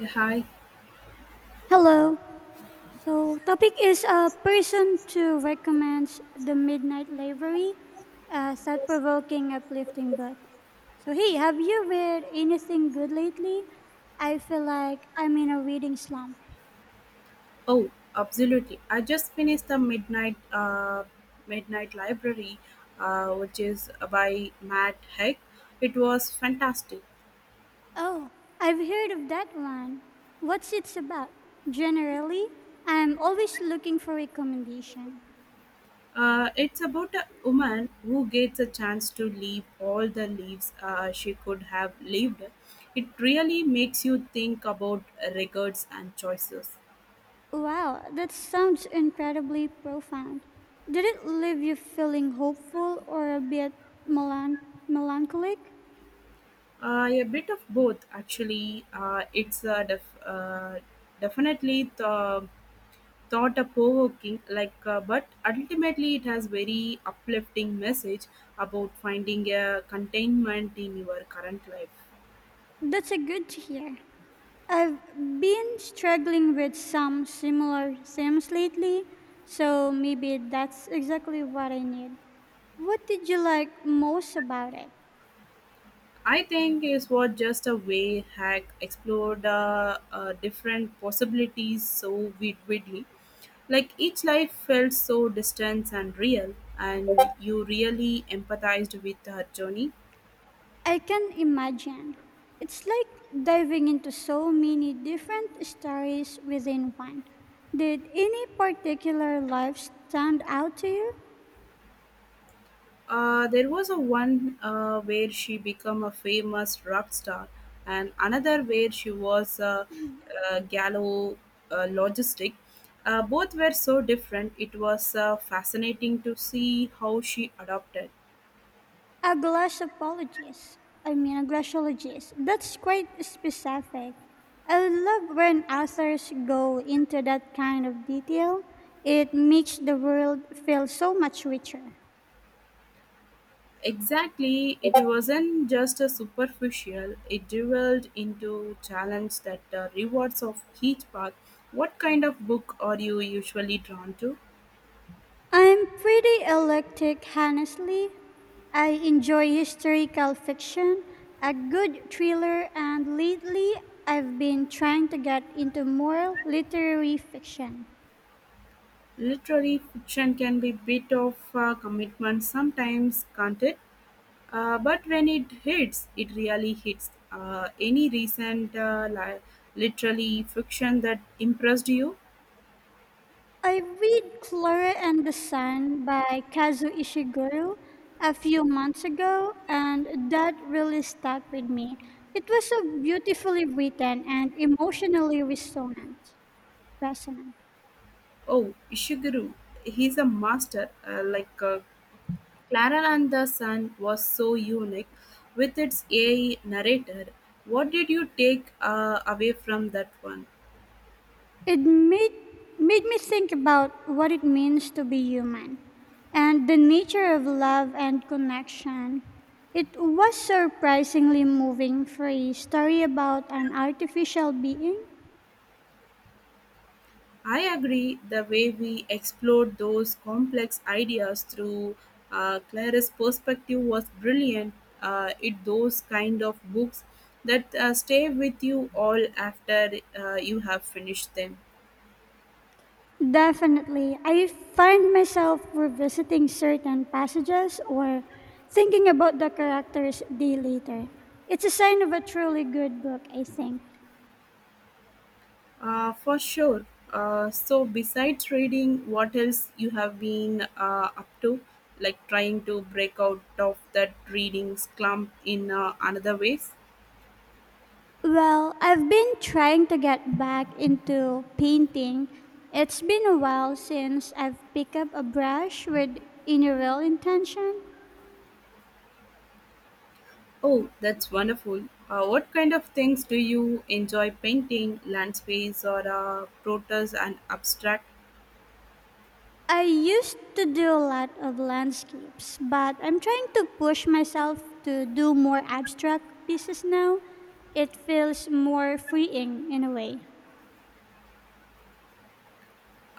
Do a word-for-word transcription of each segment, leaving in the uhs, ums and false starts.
Hi. Hello. So topic is a person to recommends the Midnight Library, a thought-provoking, uplifting book. So hey, have you read anything good lately? I feel like I'm in a reading slump. Oh, absolutely. I just finished the Midnight uh, Midnight Library, uh, which is by Matt Heck. It was fantastic. Oh, I've heard of that one. What's it about? Generally, I'm always looking for recommendation. Uh, it's about a woman who gets a chance to leave all the lives uh, she could have lived. It really makes you think about regrets and choices. Wow, that sounds incredibly profound. Did it leave you feeling hopeful or a bit melan- melancholic? Uh, a bit of both, actually. Uh, it's uh, def- uh, definitely the thought-provoking like uh, but ultimately it has very uplifting message about finding a containment in your current life. That's a good to hear. I've been struggling with some similar themes lately, so maybe that's exactly what I need. What did you like most about it? I think is what just a way hack explored, uh, uh, different possibilities so vid- widely, like each life felt so distant and real and you really empathized with her journey. I can imagine. It's like diving into so many different stories within one. Did any particular life stand out to you? Uh, there was a one uh, where she became a famous rock star, and another where she was a, a gallo uh, logistic. Uh, both were so different. It was uh, fascinating to see how she adopted. A glossologist. I mean, a glossologist. That's quite specific. I love when authors go into that kind of detail. It makes the world feel so much richer. Exactly, it wasn't just a superficial. It delved into challenge that uh, rewards of each path. What kind of book are you usually drawn to? I'm pretty eclectic, honestly. I enjoy historical fiction, a good thriller, and lately I've been trying to get into more literary fiction. Literary fiction can be bit of a commitment sometimes, can't it? Uh, but when it hits, it really hits. Uh, any recent uh, li- literary fiction that impressed you? I read Clara and the Sun by Kazuo Ishiguro a few months ago, and that really stuck with me. It was so beautifully written and emotionally resonant. resonant. Oh, Ishiguro. He's a master. Uh, like uh, Clara and the Sun was so unique with its A I narrator. What did you take uh, away from that one? It made, made me think about what it means to be human and the nature of love and connection. It was surprisingly moving for a story about an artificial being. I agree. The way we explored those complex ideas through, uh, Clara's perspective was brilliant. Uh, it those kind of books that uh, stay with you all after uh, you have finished them. Definitely, I find myself revisiting certain passages or thinking about the characters day later. It's a sign of a truly good book, I think. Uh, for sure. Uh, so besides reading, what else you have been uh, up to? Like trying to break out of that reading slump in uh, another ways? Well, I've been trying to get back into painting. It's been a while since I've picked up a brush with any real intention. Oh, that's wonderful. Uh, what kind of things do you enjoy painting? Landscapes or uh, protos and abstract? I used to do a lot of landscapes, but I'm trying to push myself to do more abstract pieces now. It feels more freeing in a way.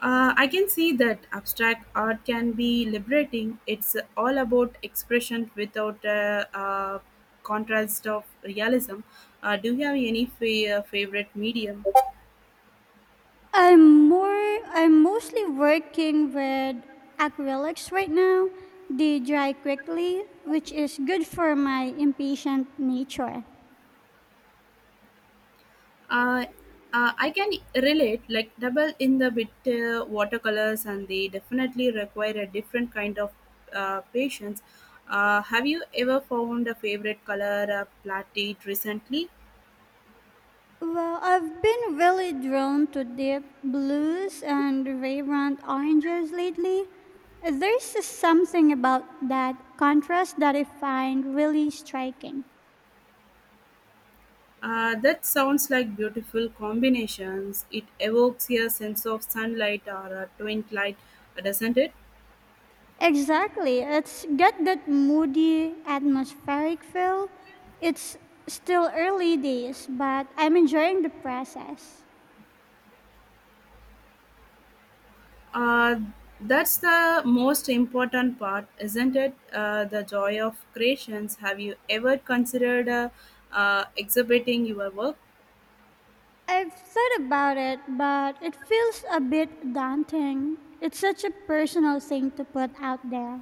Uh, I can see that abstract art can be liberating. It's all about expression without a uh, uh, contrast of realism. Uh, do you have any fa- uh, favorite medium? I'm more I'm mostly working with acrylics right now. They dry quickly, which is good for my impatient nature. uh, uh, I can relate, like double in the bit, uh, watercolors, and they definitely require a different kind of uh, patience. Uh, have you ever found a favorite color uh, plated recently? Well, I've been really drawn to deep blues and vibrant oranges lately. There's just something about that contrast that I find really striking. Uh, that sounds like beautiful combinations. It evokes a sense of sunlight or a twin light, doesn't it? Exactly. It's got that moody atmospheric feel. It's still early days, but I'm enjoying the process. Uh, that's the most important part, isn't it? Uh, the joy of creations. Have you ever considered, uh, uh, exhibiting your work? I've thought about it, but it feels a bit daunting. It's such a personal thing to put out there.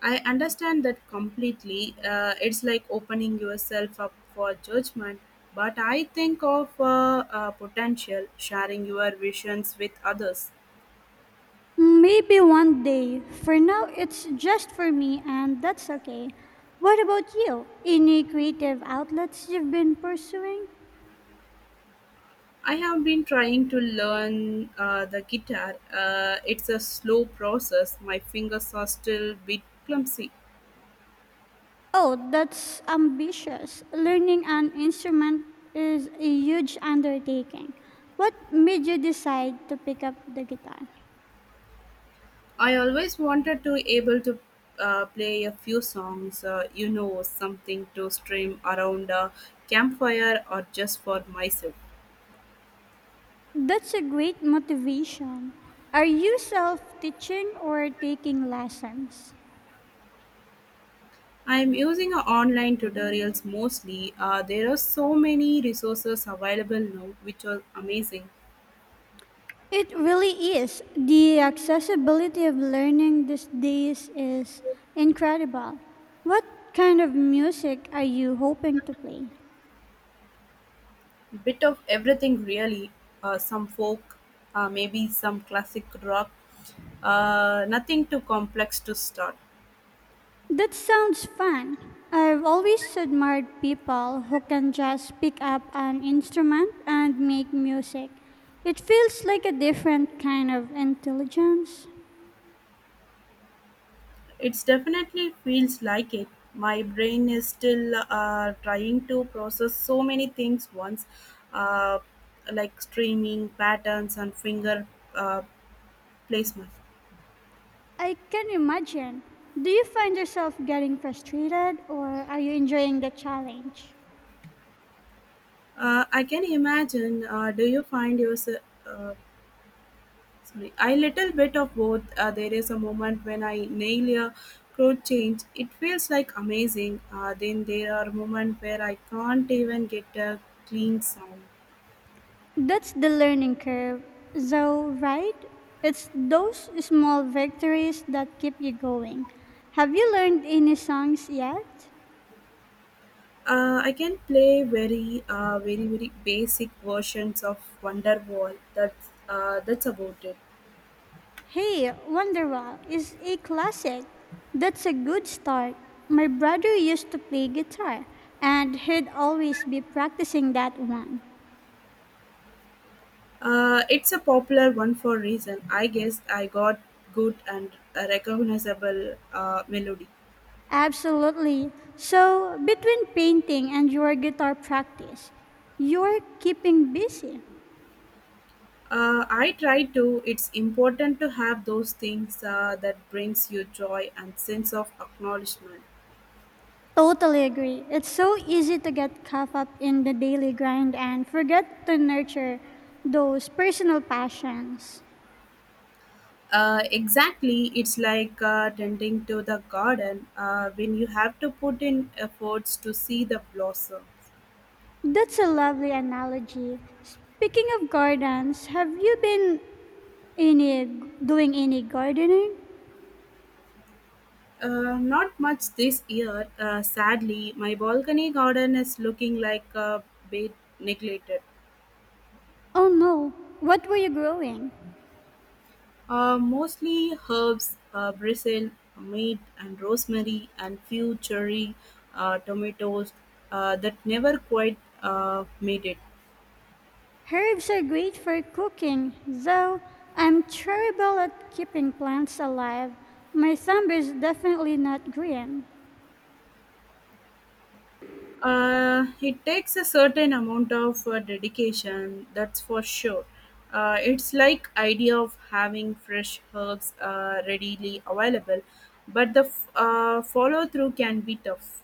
I understand that completely. Uh, it's like opening yourself up for judgment. But I think of, uh, uh, potential sharing your visions with others. Maybe one day. For now, it's just for me, and that's okay. What about you? Any creative outlets you've been pursuing? I have been trying to learn uh, the guitar. Uh, it's a slow process. My fingers are still a bit clumsy. Oh, that's ambitious. Learning an instrument is a huge undertaking. What made you decide to pick up the guitar? I always wanted to able to uh, play a few songs, uh, you know, something to stream around a campfire or just for myself. That's a great motivation. Are you self teaching or taking lessons? I'm using uh, online tutorials mostly. Uh, there are so many resources available now, which are amazing. It really is. The accessibility of learning these days is incredible. What kind of music are you hoping to play? Bit of everything really. Uh, some folk, uh, maybe some classic rock. Uh, nothing too complex to start. That sounds fun. I've always admired people who can just pick up an instrument and make music. It feels like a different kind of intelligence. It definitely feels like it. My brain is still uh, trying to process so many things once, uh, like streaming patterns and finger uh, placement. I can imagine. Do you find yourself getting frustrated or are you enjoying the challenge? Uh, I can imagine. Uh, do you find yourself? Uh, Sorry, I little bit of both. Uh, there is a moment when I nail a code change. It feels like amazing. Uh, then there are moments where I can't even get a clean sound. That's the learning curve, though, right? It's those small victories that keep you going. Have you learned any songs yet? Uh, I can play very, uh, very, very basic versions of Wonderwall. That's uh, that's about it. Hey, Wonderwall is a classic. That's a good start. My brother used to play guitar, and he'd always be practicing that one. Uh, it's a popular one for a reason. I guess I got good and a recognizable uh, melody. Absolutely. So, between painting and your guitar practice, you're keeping busy. Uh, I try to. It's important to have those things uh, that brings you joy and sense of acknowledgement. Totally agree. It's so easy to get caught up in the daily grind and forget to nurture those personal passions. Uh, exactly, it's like uh, tending to the garden uh, when you have to put in efforts to see the blossom. That's a lovely analogy. Speaking of gardens, have you been any doing any gardening? Uh, not much this year, uh, sadly. My balcony garden is looking like a bit neglected. Oh no, what were you growing? Uh, mostly herbs, uh, basil, mint, and rosemary, and few cherry uh, tomatoes uh, that never quite uh, made it. Herbs are great for cooking, though I'm terrible at keeping plants alive. My thumb is definitely not green. Uh, it takes a certain amount of uh, dedication, that's for sure. Uh, it's like idea of having fresh herbs uh, readily available, but the f- uh, follow through can be tough.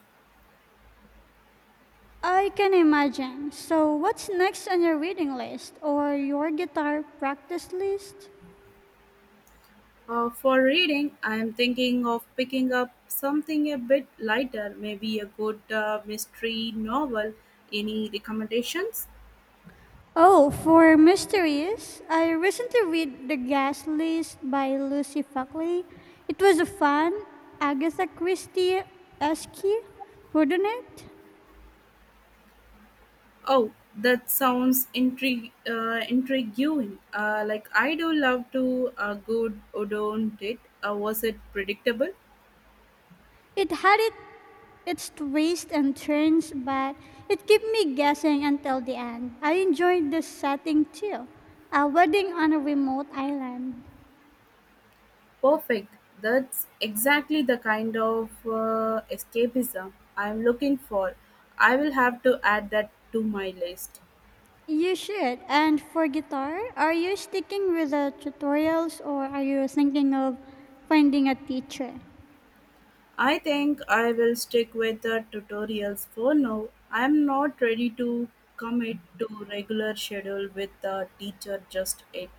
I can imagine. So, what's next on your reading list or your guitar practice list? Uh, for reading, I am thinking of picking up something a bit lighter, maybe a good uh, mystery novel. Any recommendations? Oh, for mysteries, I recently read The Gas List by Lucy Buckley. It was a fun Agatha Christie-esque whodunit. Oh, that sounds intrig- uh, intriguing. Uh, like, I do love to a good Udon date. Uh, was it predictable? It had it, its twists and turns, but it kept me guessing until the end. I enjoyed the setting too, a wedding on a remote island. Perfect. That's exactly the kind of uh, escapism I'm looking for. I will have to add that to my list. You should. And for guitar, are you sticking with the tutorials or are you thinking of finding a teacher? I think I will stick with the tutorials for now. I'm not ready to commit to regular schedule with the teacher just yet.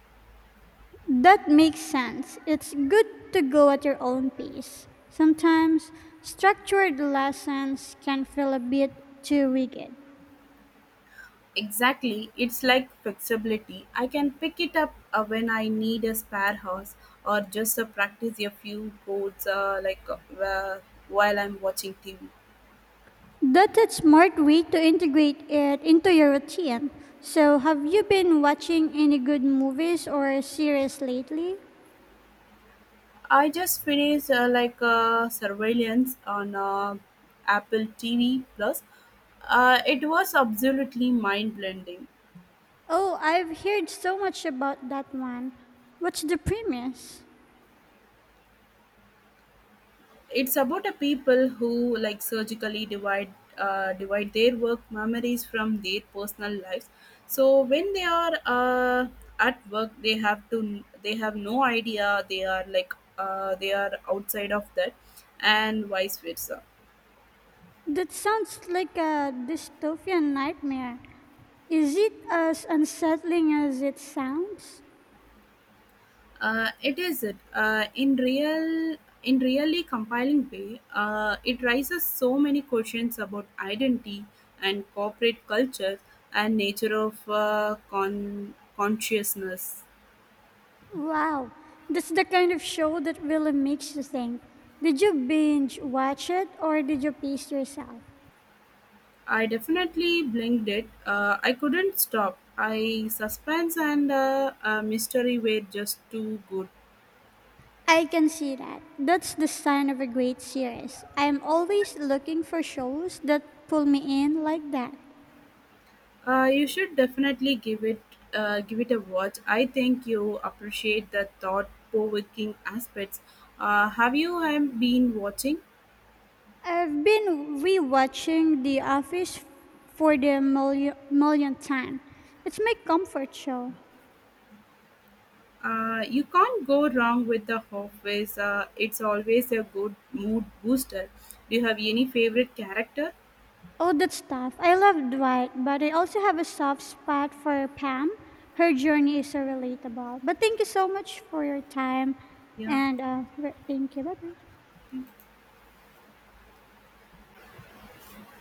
That makes sense. It's good to go at your own pace. Sometimes structured lessons can feel a bit too rigid. Exactly, it's like flexibility. I can pick it up uh, when I need a spare house or just uh, practice a few codes, uh, like uh, while I'm watching T V. That's a smart way to integrate it into your routine. So, have you been watching any good movies or series lately? I just finished, uh, like uh, surveillance on, uh, Apple T V Plus. Uh, it was absolutely mind blending. Oh, I've heard so much about that one. What's the premise? It's about a people who like surgically divide, uh, divide their work memories from their personal lives, so when they are uh, at work they have to they have no idea they are like uh, they are outside of that, and vice versa. That sounds like a dystopian nightmare. Is it as unsettling as it sounds? Uh, it is it uh, in real in really compiling way. Uh, it raises so many questions about identity and corporate culture and nature of uh, con- consciousness. Wow, that's the kind of show that really makes you think. Did you binge watch it or did you pace yourself? I definitely blinked it. Uh, I couldn't stop. I suspense and, uh, uh, mystery were just too good. I can see that. That's the sign of a great series. I'm always looking for shows that pull me in like that. Uh, you should definitely give it uh, give it a watch. I think you appreciate the thought-provoking aspects. Uh, have you um, been watching? I've been rewatching The Office for the million, millionth time. It's my comfort show. Uh, you can't go wrong with the Office. Uh, it's always a good mood booster. Do you have any favorite character? Oh, that's tough. I love Dwight, but I also have a soft spot for Pam. Her journey is so relatable. But thank you so much for your time, Yeah. and uh, re- thank you. Bye bye.